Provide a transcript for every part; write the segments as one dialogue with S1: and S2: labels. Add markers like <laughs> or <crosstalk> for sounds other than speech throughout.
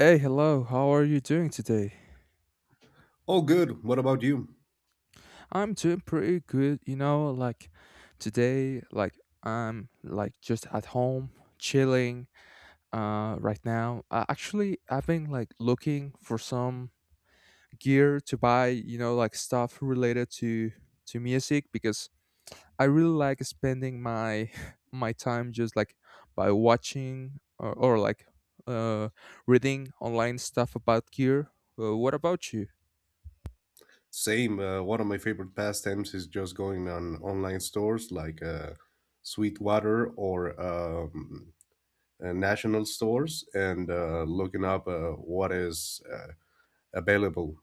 S1: Hey, hello. How are you doing today?
S2: Oh, good. What about you?
S1: I'm doing pretty good, you know, like today like I'm like just at home chilling right now. Actually, I've been like looking for some gear to buy, you know, like stuff related to music because I really like spending my <laughs> my time just like by watching or like uh reading online stuff about gear. What about you?
S2: Same. One of my favorite pastimes is just going on online stores like Sweetwater or national stores and looking up what is available.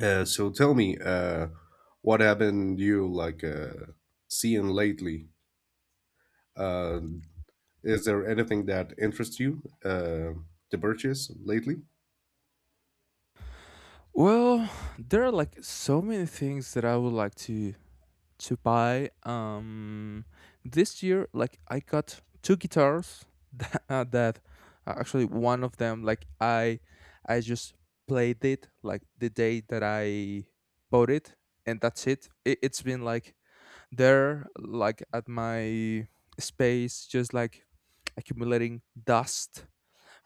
S2: So tell me, what haven't you like seeing lately? Uh, is there anything that interests you to purchase lately?
S1: Well, there are like so many things that I would like to buy. This year, like I got two guitars <laughs> that actually one of them, like I just played it like the day that I bought it, and that's it. It's been like there, like at my space, just like accumulating dust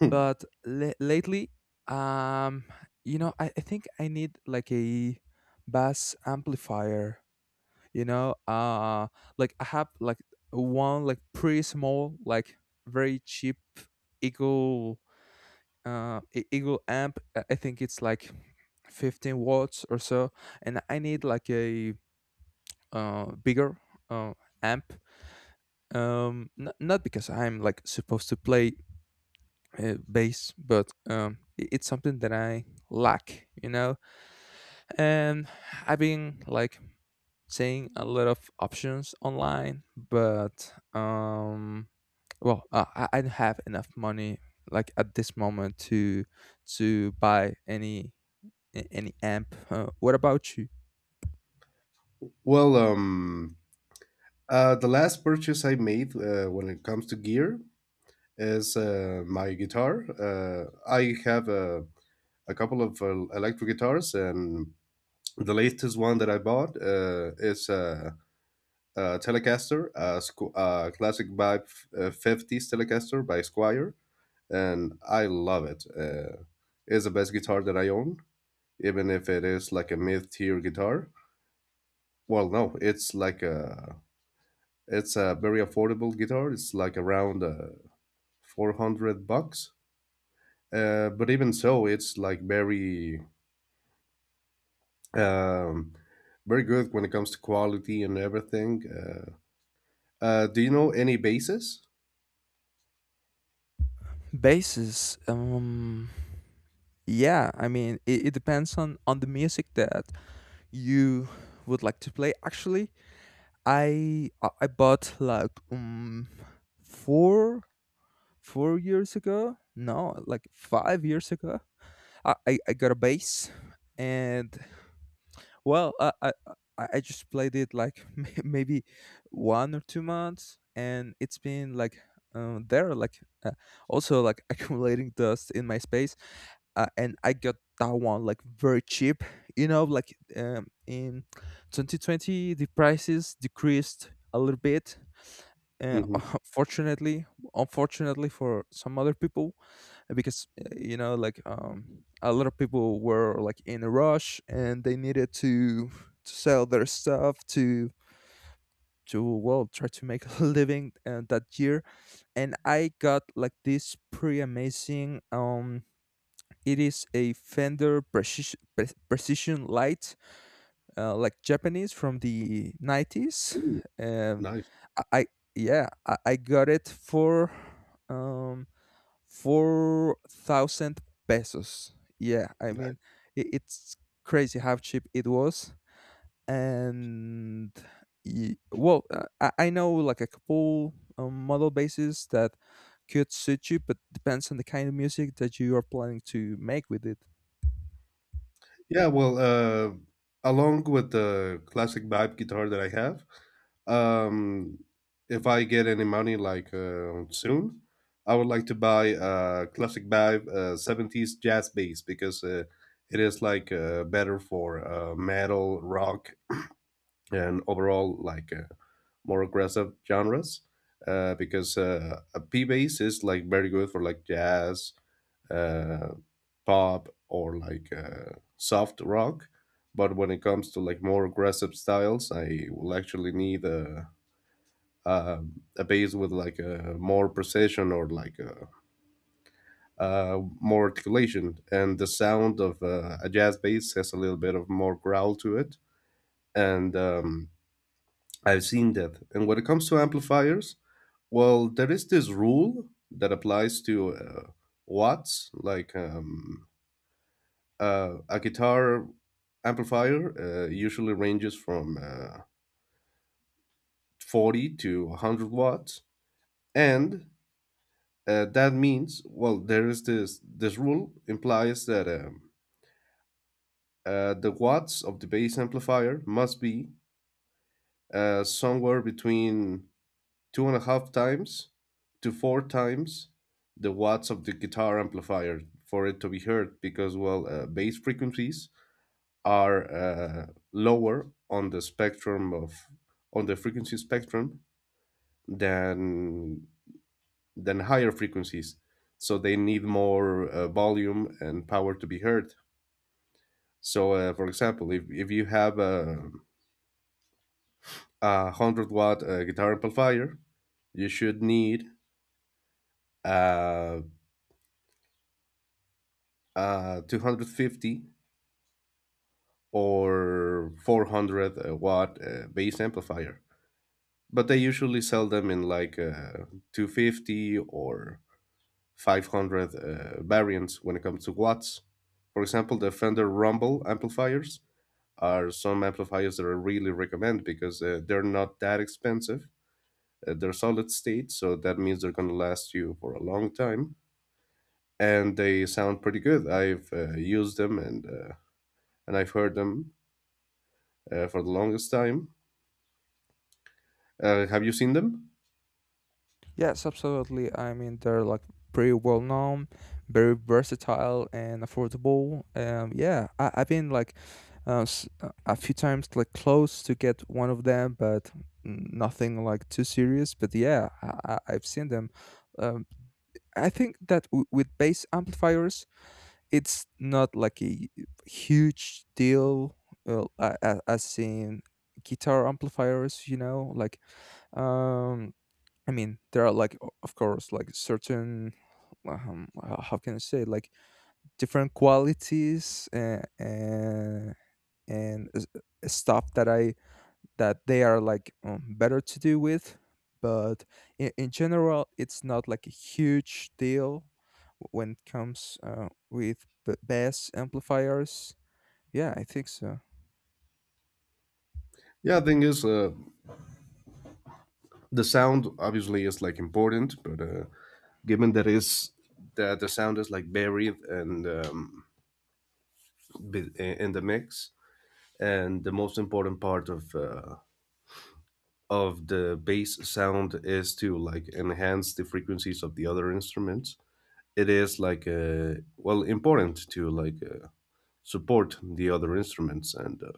S2: Hmm.
S1: but la lately, um, you know, I think I need like a bass amplifier. You know, like I have like one like pretty small, like very cheap Eagle, Eagle amp. I think it's like 15 watts or so, and I need like a bigger uh amp not because I'm like supposed to play base, but it's something that I lack, you know. And I've been like seeing a lot of options online, but I don't have enough money like at this moment to buy any any amp. What about you?
S2: Well, um, the last purchase I made when it comes to gear is my guitar. I have a couple of electric guitars, and the latest one that I bought is a Telecaster, a classic by 50s Telecaster by Squire, and I love it. It's the best guitar that I own, even if it is like a mid tier guitar. Well, no, it's a very affordable guitar. It's like around 400 bucks. But even so, it's like very, um, very good when it comes to quality and everything. Do you know any bases?
S1: Bases. Yeah, I mean, it depends on the music that you would like to play. Actually, I bought like four four years ago. No, like 5 years ago. I got a bass, and well, I just played it like <laughs> maybe one or two months, and it's been like there like also like <laughs> accumulating dust in my space. And I got that one like very cheap. You know, like in 2020 the prices decreased a little bit uh,
S2: Mm-hmm.
S1: <laughs> fortunately unfortunately for some other people because you know like a lot of people were like in a rush and they needed to sell their stuff to well try to make <laughs> a living that year and I got like this pretty amazing it is a fender precision precision light, like Japanese from the 90s. Um,
S2: Nice.
S1: I Yeah, I got it for um 4,000 pesos. Yeah, I mean it's crazy how cheap it was and well, I know like a couple model bases that could suit you, but depends on the kind of music that you are planning to make with it.
S2: Yeah, along with the classic vibe guitar that I have, um, if I get any money like soon, I would like to buy a classic vibe 70s jazz bass because it is like better for metal, rock, and overall like more aggressive genres. Because A P bass is like very good for like jazz, uh, pop or like soft rock. But when it comes to like more aggressive styles, I will actually need a, a bass with like a more precision or like more articulation. And the sound of a jazz bass has a little bit of more growl to it. And I've seen that. And when it comes to amplifiers, well, there is this rule that applies to watts, like a guitar amplifier usually ranges from 40 to 100 watts, and that means, well, there is this this rule implies that the watts of the bass amplifier must be somewhere between two and a half times to four times the watts of the guitar amplifier for it to be heard because bass frequencies are lower on the spectrum of on the frequency spectrum than than higher frequencies, so they need more volume and power to be heard. For example, if you have a 100 watt guitar amplifier, you should need uh, a 250 or 400 watt bass amplifier, but they usually sell them in like 250 or 500 variants when it comes to watts. For example, the Fender Rumble amplifiers are some amplifiers that I really recommend because they're not that expensive. They're solid state, so that means they're going to last you for a long time, and they sound pretty good. I've used them, and I've heard them for the longest time. Have you seen them?
S1: Yes, absolutely. I mean, they're like pretty well known, very versatile and affordable. Yeah, I, I've been like a few times like close to get one of them, but nothing like too serious. But yeah, I've seen them. Um, I think that with bass amplifiers, it's not like a huge deal as in guitar amplifiers. You know, like um I mean, there are like, of course, like certain, how can I say, like different qualities and stuff that I that they are like better to do with, but in general, it's not like a huge deal when it comes with the bass amplifiers. Yeah, I think so.
S2: Yeah, the thing is, the sound obviously is like important, but given that is that the sound is like buried and in the mix, and the most important part of the bass sound is to like enhance the frequencies of the other instruments. It is like important to like support the other instruments, and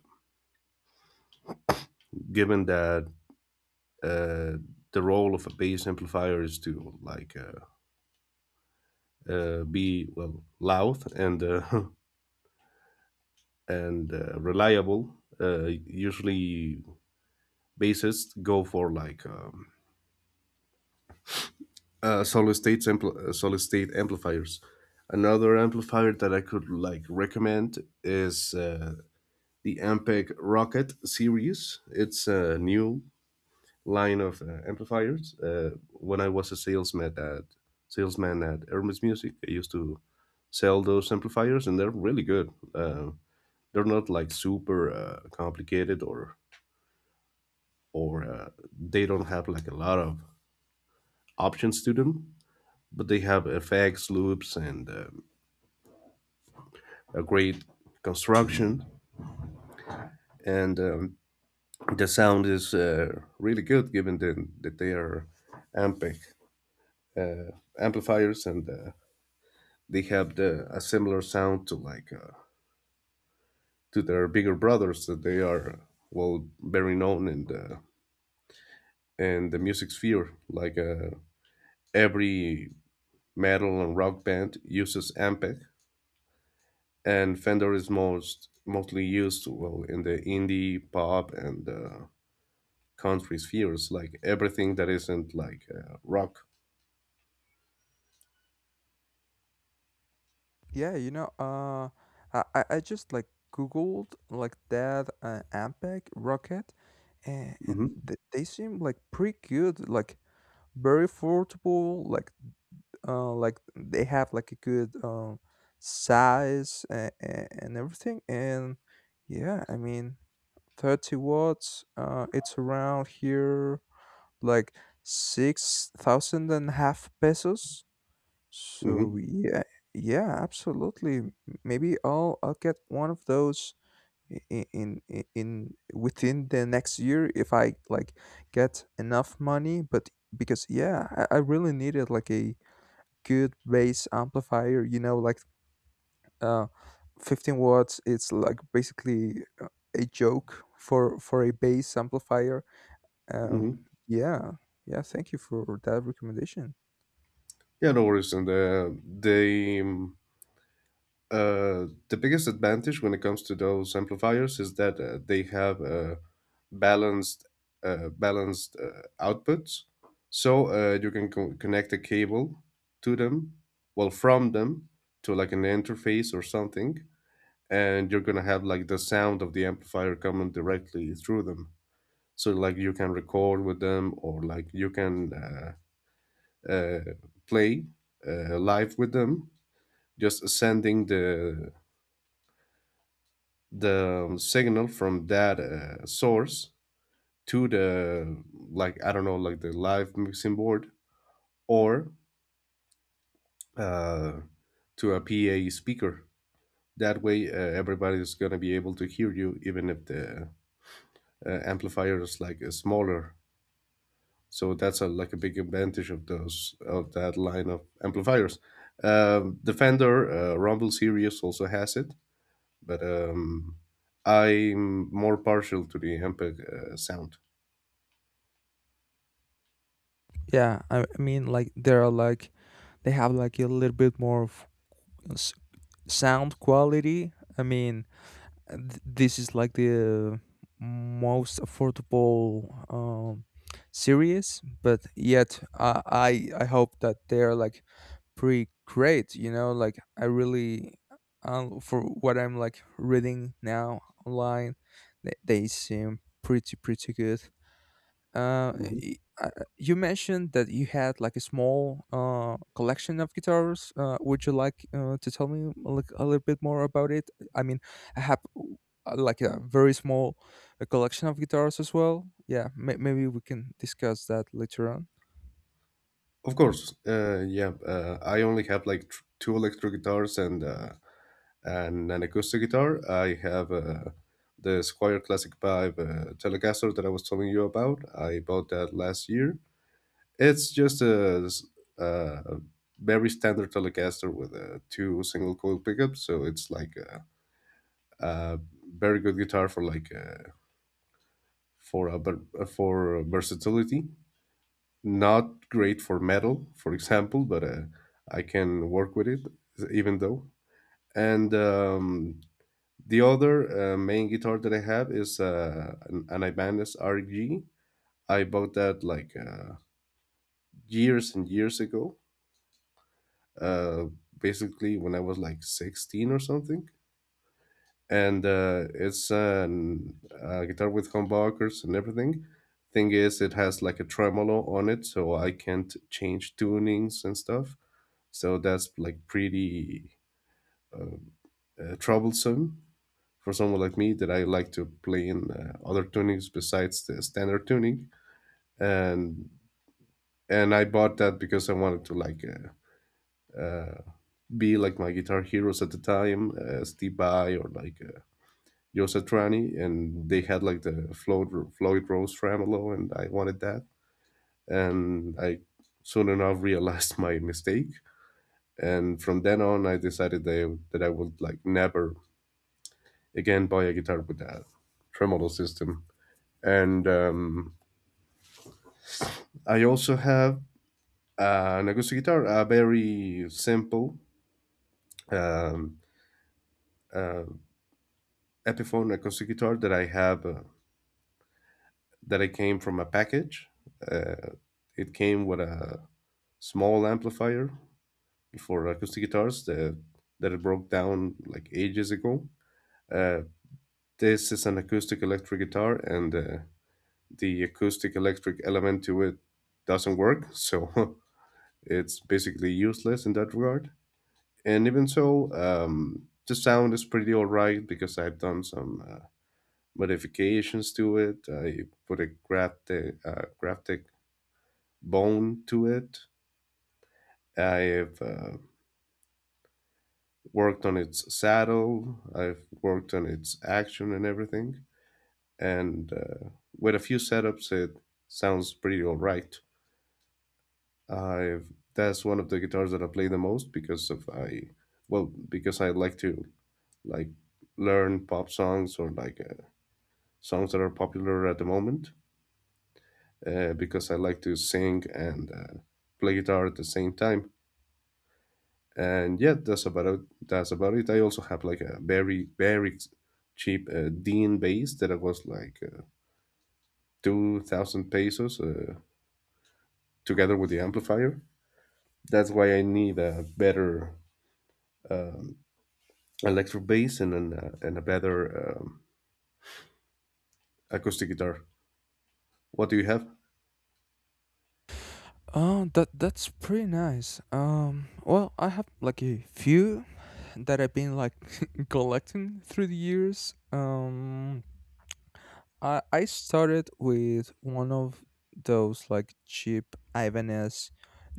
S2: given that uh, the role of a bass amplifier is to like be well loud and <laughs> and reliable, usually bassists go for like solid state amplifiers. Another amplifier that I could like recommend is the Ampeg Rocket series. It's a new line of amplifiers. When I was a salesman at Hermes Music, I used to sell those amplifiers, and they're really good. They're not like super complicated, or they don't have like a lot of options to them, but they have effects, loops, and a great construction. And the sound is really good, given that they are Ampic uh, amplifiers, and they have a similar sound to like to their bigger brothers that they are well very known in the music sphere. Every metal and rock band uses Ampeg, and Fender is mostly used well in the indie pop and country spheres, like everything that isn't like rock.
S1: Yeah, you know, I just like Googled like that Ampeg rocket, and
S2: Hmm.
S1: they seem like pretty good, like very affordable, like they have like a good size and everything, and yeah, I mean 30 watts, it's around here like six thousand and a half pesos. So
S2: Hmm.
S1: yeah, yeah, absolutely. Maybe I'll get one of those within the next year if I like get enough money. But because yeah, I really needed like a good bass amplifier. You know, like uh, 15 watts. It's like basically a joke for a bass amplifier um,
S2: Hmm.
S1: yeah, yeah. Thank you for that recommendation.
S2: Yeah, no worries. And they the biggest advantage when it comes to those amplifiers is that they have balanced balanced outputs, so you can connect a cable to them, well from them, to like an interface or something, and you're gonna have like the sound of the amplifier coming directly through them. So like you can record with them, or like you can uh, play live with them, just sending the signal from that source to the like I don't know like the live mixing board or uh, to a PA speaker. That way, everybody is gonna be able to hear you, even if the amplifier is like smaller. So that's like a big advantage of those of that line of amplifiers. Defender Rumble series also has it, but I'm more partial to the Ampeg sound.
S1: Yeah, I mean, like there are like they have like a little bit more of s- sound quality. I mean, and this is like the most affordable series but yet I hope that they're like pretty great you know like I really for what I'm like reading now online they seem pretty pretty good. uh,
S2: Mhm.
S1: y- uh, you mentioned that you had like a small collection of guitars. Would you like to tell me like a little bit more about it? I mean, I have like a very small collection of guitars as well. Yeah, maybe we can discuss that later on.
S2: Of course. Yeah I only have like two electric guitars and an acoustic guitar. I have the Squire Classic 5 Telecaster that I was telling you about. I bought that last year. It's just a very standard Telecaster with two single coil pickups, so it's like a very good guitar for versatility. Not great for metal, for example, but I can work with it even though. And the other main guitar that I have is an Ibanez RG. I bought that like years and years ago, uh, basically when I was like 16 or something. And it's a guitar with humbuckers and everything. Thing is, it has like a tremolo on it, so I can't change tunings and stuff. So that's like pretty uh, troublesome for someone like me that I like to play in other tunings besides the standard tuning. And and I bought that because I wanted to like uh, be like my guitar heroes at the time, Steve Vai or like Joe Satriani, and they had like the Floyd, Floyd Rose tremolo, and I wanted that, and I soon enough realized <laughs> my mistake, and from then on I decided that I would like never again buy a guitar with that tremolo system. And I also have an acoustic guitar, a very simple Um, uh, Epiphone acoustic guitar that I have that I came from a package. Uh, it came with a small amplifier for acoustic guitars that it broke down like ages ago. Uh, this is an acoustic electric guitar, and the acoustic electric element to it doesn't work, so <laughs> it's basically useless in that regard. And even so, the sound is pretty alright because I've done some modifications to it. I put a graphic, bone to it. I've worked on its saddle, I've worked on its action and everything. And with a few setups, it sounds pretty all right. I've That's one of the guitars that I play the most because of I well because I like to like learn pop songs or like songs that are popular at the moment, because I like to sing and play guitar at the same time. And yeah, that's about it. That's about it. I also have like a very, very cheap Dean bass that was like 2000 pesos, together with the amplifier. That's why I need a better electric bass, and a better acoustic guitar. What do you have?
S1: Oh, that that's pretty nice. Well, I have like a few that I've been like <laughs> collecting through the years. I started with one of those like cheap Ibanez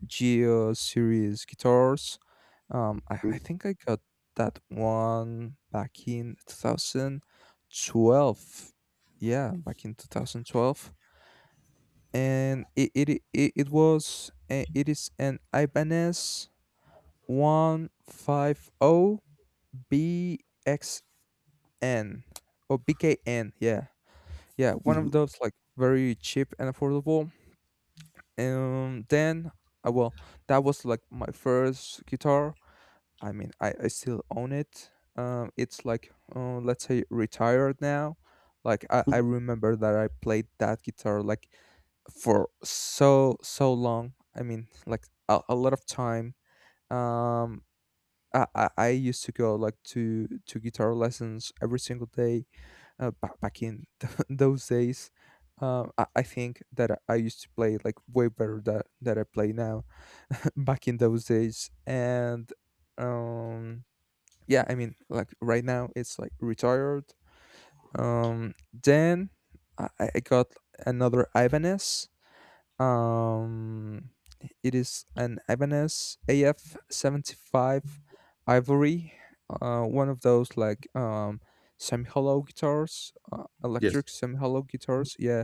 S1: Geo series guitars. Um, I
S2: Hmm?
S1: I think I got that one back in 2012. Yeah, back in 2012 and it was it is an Ibanez 150 BXN or BKN. Yeah, yeah, one of those like very cheap and affordable. Then uh, well, that was like my first guitar. I mean, I still own it. It's like let's say retired now. Like I remember that I played that guitar like for so long. I mean like a lot of time. um I used to go like to guitar lessons every single day back in <laughs> those days. I think that I used to play like way better that that I play now <laughs> back in those days and um yeah I mean like right now it's like retired. Then I got another Ibanez. um, it is an Ibanez AF75 Ivory, one of those like semi-hollow guitars,
S2: Yes.
S1: electric semi-hollow guitars. Yeah,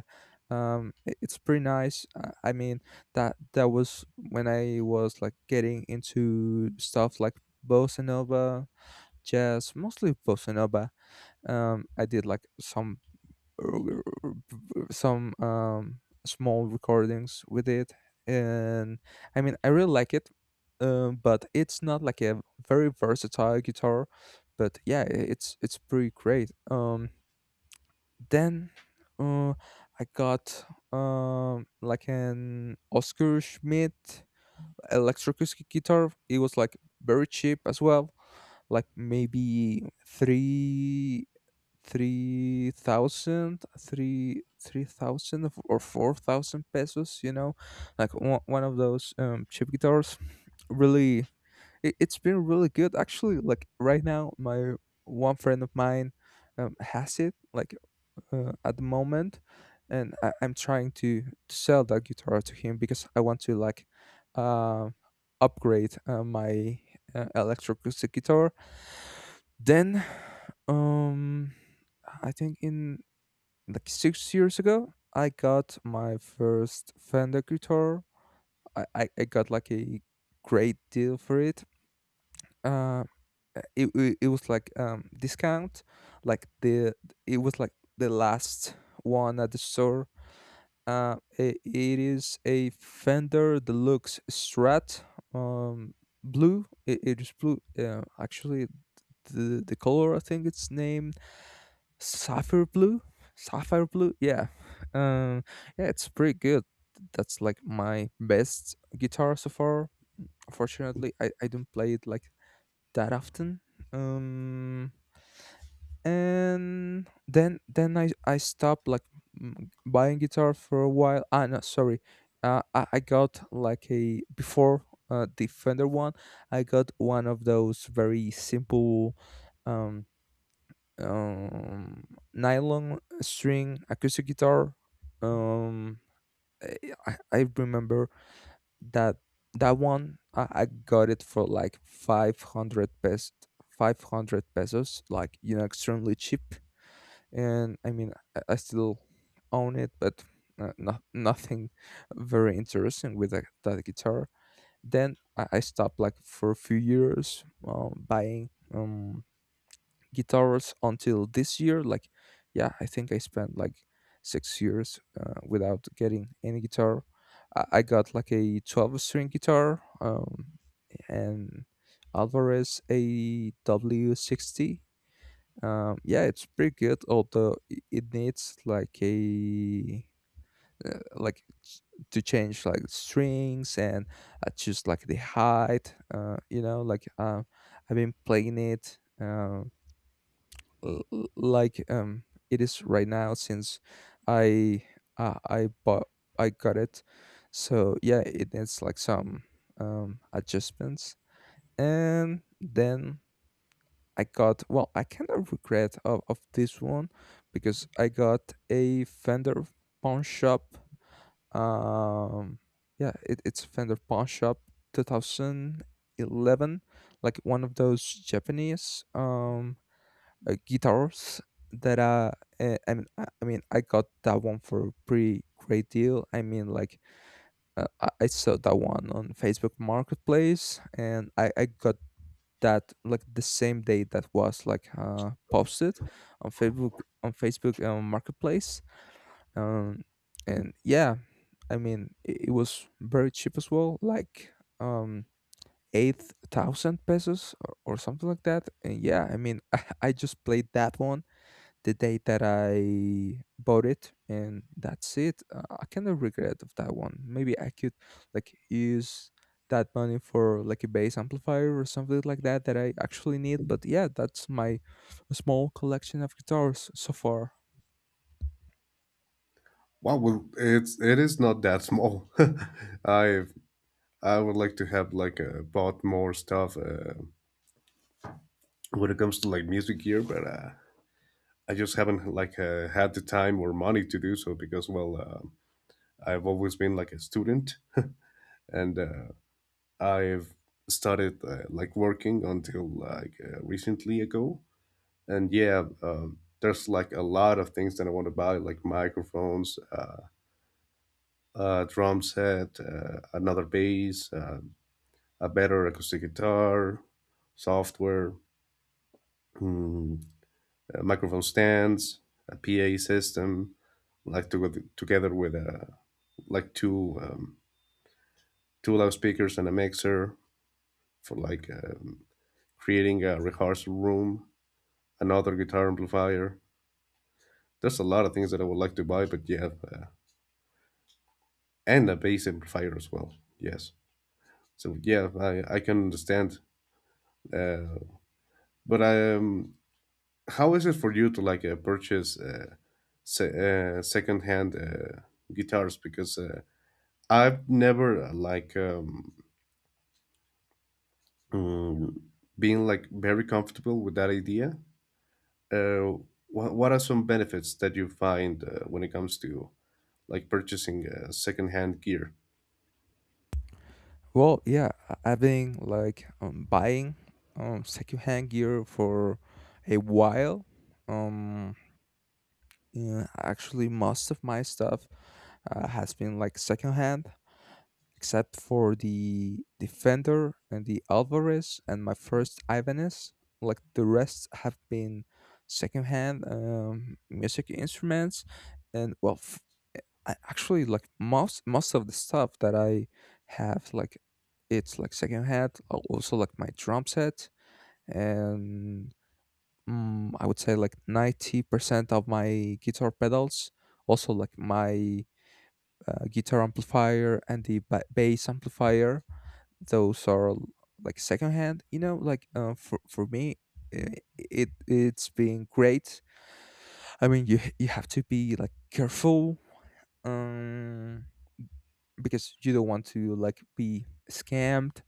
S1: I- it's pretty nice. I mean, that that was when I was like getting into stuff like bossa nova, jazz, mostly bossa nova. I did like some r- r- some small recordings with it and I mean I really like it. But it's not like a very versatile guitar but yeah I- it's pretty great. Then uh, I got, like an Oscar Schmidt electroacoustic guitar. It was like very cheap as well, like maybe 3,000, 3,000 or 4,000 pesos, you know, like one of those cheap guitars. Really, it, it's been really good. Actually, like right now, my one friend of mine has it, like at the moment, and I, I'm trying to sell that guitar to him because I want to like uh, upgrade my electroacoustic guitar. Then, um, I think in like 6 years ago, I got my first Fender guitar. I got like a great deal for it. Uh, it was like discount, like the it was like the last one at the store. It is a Fender Deluxe Strat, um, blue. It is blue. Actually, the color I think it's named Sapphire blue? Sapphire blue? Yeah. Um yeah, it's pretty good. That's like my best guitar so far. Unfortunately, I don't play it like that often. Um and then I stopped like buying guitar for a while. Ah no, sorry. I got like a before the Fender one, I got one of those very simple um um, nylon string acoustic guitar. Um, I remember that that one I got it for like 500 pesos, 500 pesos, like you know extremely cheap and I mean I still own it but no, nothing very interesting with that guitar. Then I stopped like for a few years buying guitars until this year. Like, yeah, I think I spent like 6 years without getting any guitar. I got like a 12 string guitar, and Alvarez a W60. Yeah, it's pretty good, although it needs like a uh, like ch- to change like strings and just like the height you know like I've been playing it. Like it is right now since I I bought I got it so yeah it needs like some adjustments. And then I got, well I kind of regret of this one because I got a Fender pawn shop um yeah it, it's Fender pawn shop 2011, like one of those Japanese guitars that I mean, I got that one for a pretty great deal. I mean, like I saw that one on Facebook Marketplace, and I got that like the same day that was like posted on Facebook Marketplace. Um, and yeah, I mean, it was very cheap as well, like um 8,000 pesos or something like that. And yeah, I mean, <laughs> I just played that one the day that I bought it, and that's it. I kind of regret of that one. Maybe I could like use that money for like a bass amplifier or something like that that I actually need. But yeah, that's my small collection of guitars so far.
S2: Wow, well, it's it is not that small. <laughs> i I would like to have like bought more stuff when it comes to like music gear, but I just haven't like had the time or money to do so because I've always been like a student, and I've started working until like recently ago. And yeah, there's like a lot of things that I want to buy, like microphones, a drum set, another bass, a better acoustic guitar, software, hmm, microphone stands, a PA system, like to go together with a like two two loudspeakers and a mixer for like creating a rehearsal room, another guitar amplifier. There's a lot of things that I would like to buy, but yeah, and a bass amplifier as well. Yes, so yeah, I can understand. Uh, but how is it for you to like purchase secondhand guitars? Because I've never mm, been like very comfortable with that idea. uh, what are some benefits that you find when it comes to like purchasing secondhand gear?
S1: Well, yeah, I've been like buying secondhand gear for a while. Um, yeah, actually, most of my stuff has been like secondhand, except for the defender and the Alvarez and my first Ibanez. Like the rest have been secondhand music instruments, and well, f I actually like most of the stuff that I have like it's like secondhand. Also like my drum set and I would say like 90% of my guitar pedals. Also like my guitar amplifier and the bass amplifier. Those are like secondhand, you know, like for me it it's been great. I mean, you have to be like careful um because you don't want to like be scammed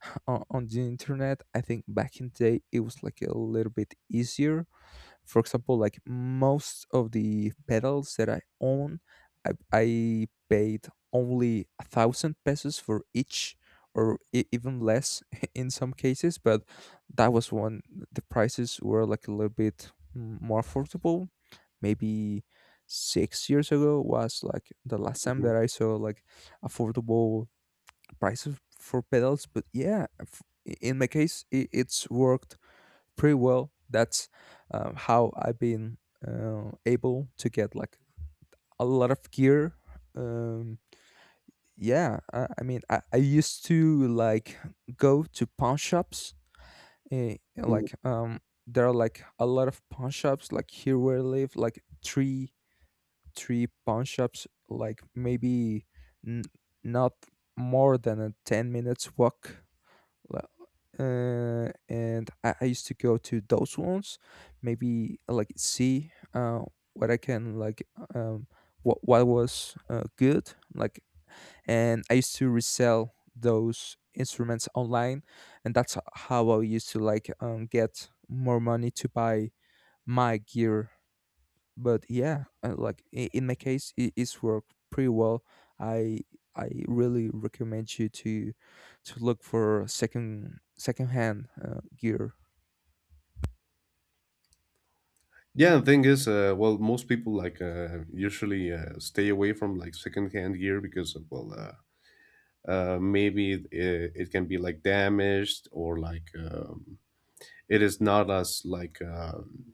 S1: <laughs> on the internet. I think back in the day it was like a little bit easier. For example, like most of the pedals that I own, I paid only a thousand pesos for each, or even less <laughs> in some cases. But that was when the prices were like a little bit more affordable. Maybe 6 years ago was like the last time
S2: Mhm.
S1: that I saw like affordable prices for pedals. But yeah, in my case it's worked pretty well. That's how I've been able to get like a lot of gear. Um, I mean, I used to like go to pawn shops. Uh,
S2: Mm.
S1: like um, there are like a lot of pawn shops like here where I live, like three pawn shops, like maybe n- not more than a 10 minutes walk. well, and I used to go to those ones, maybe like see what I can like um, what what was good like, and I used to resell those instruments online, and that's how I used to like get more money to buy my gear. But yeah, in my case it's worked pretty well. i I really recommend you to look for second hand gear.
S2: Yeah, the thing is, most people like usually stay away from like secondhand gear because of, well, maybe it can be like damaged, or it is not as like um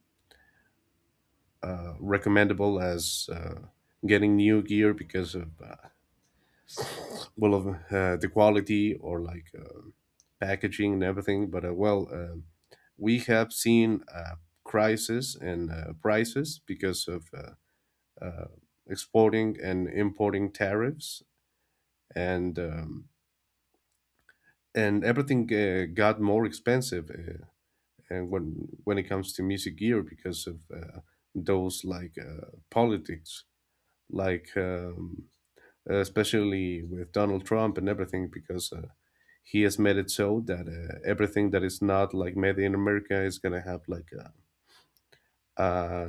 S2: uh, recommendable as getting new gear because of the quality or like packaging and everything. But we have seen crisis in prices because of uh, exporting and importing tariffs, and um, and everything got more expensive, and when it comes to music gear because of those like politics, like um, especially with Donald Trump and everything, because he has made it so that everything that is not like made in America is gonna have like uh,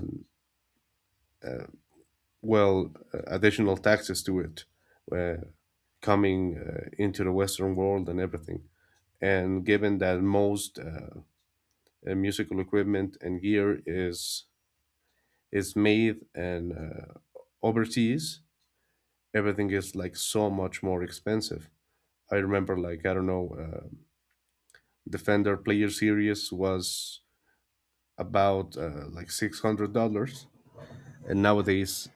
S2: additional taxes to it uh, coming into the Western world and everything. And given that most musical equipment and gear is made and overseas, everything is like so much more expensive. I remember, like, I don't know. Defender Player Series was about $600, and nowadays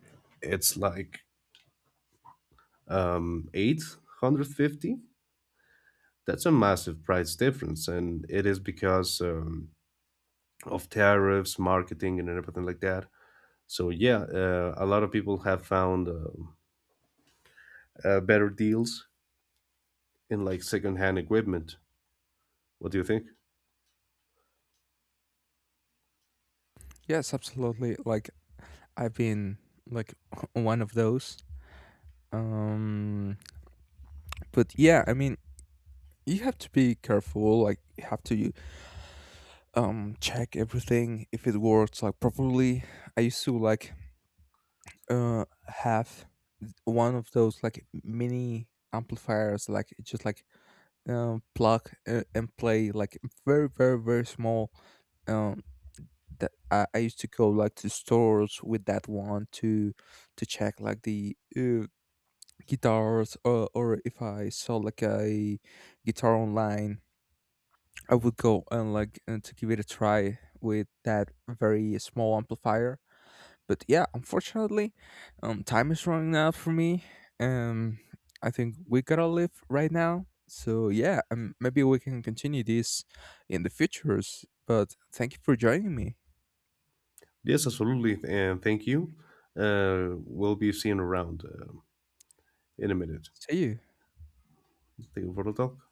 S2: it's like 850. That's a massive price difference, and it is because of tariffs, marketing, and everything like that. So yeah, a lot of people have found better deals in like secondhand equipment. What do you think?
S1: Yes, absolutely, like I've been like <laughs> one of those, um but yeah, I mean, you have to be careful. Like you have to check everything if it works like properly. I used to like have one of those like mini amplifiers, like just like plug and play, like very very very small, um that I used to go like to stores with that one to check like the guitars, or if I saw like a guitar online, I would go and like and to give it a try with that very small amplifier. But yeah, unfortunately, time is running out for me. Um, I think we gotta live right now. So yeah, maybe we can continue this in the futures. But thank you for joining me.
S2: Yes, absolutely, and thank you. We'll be seeing around in a minute.
S1: See you.
S2: Thank you for the talk.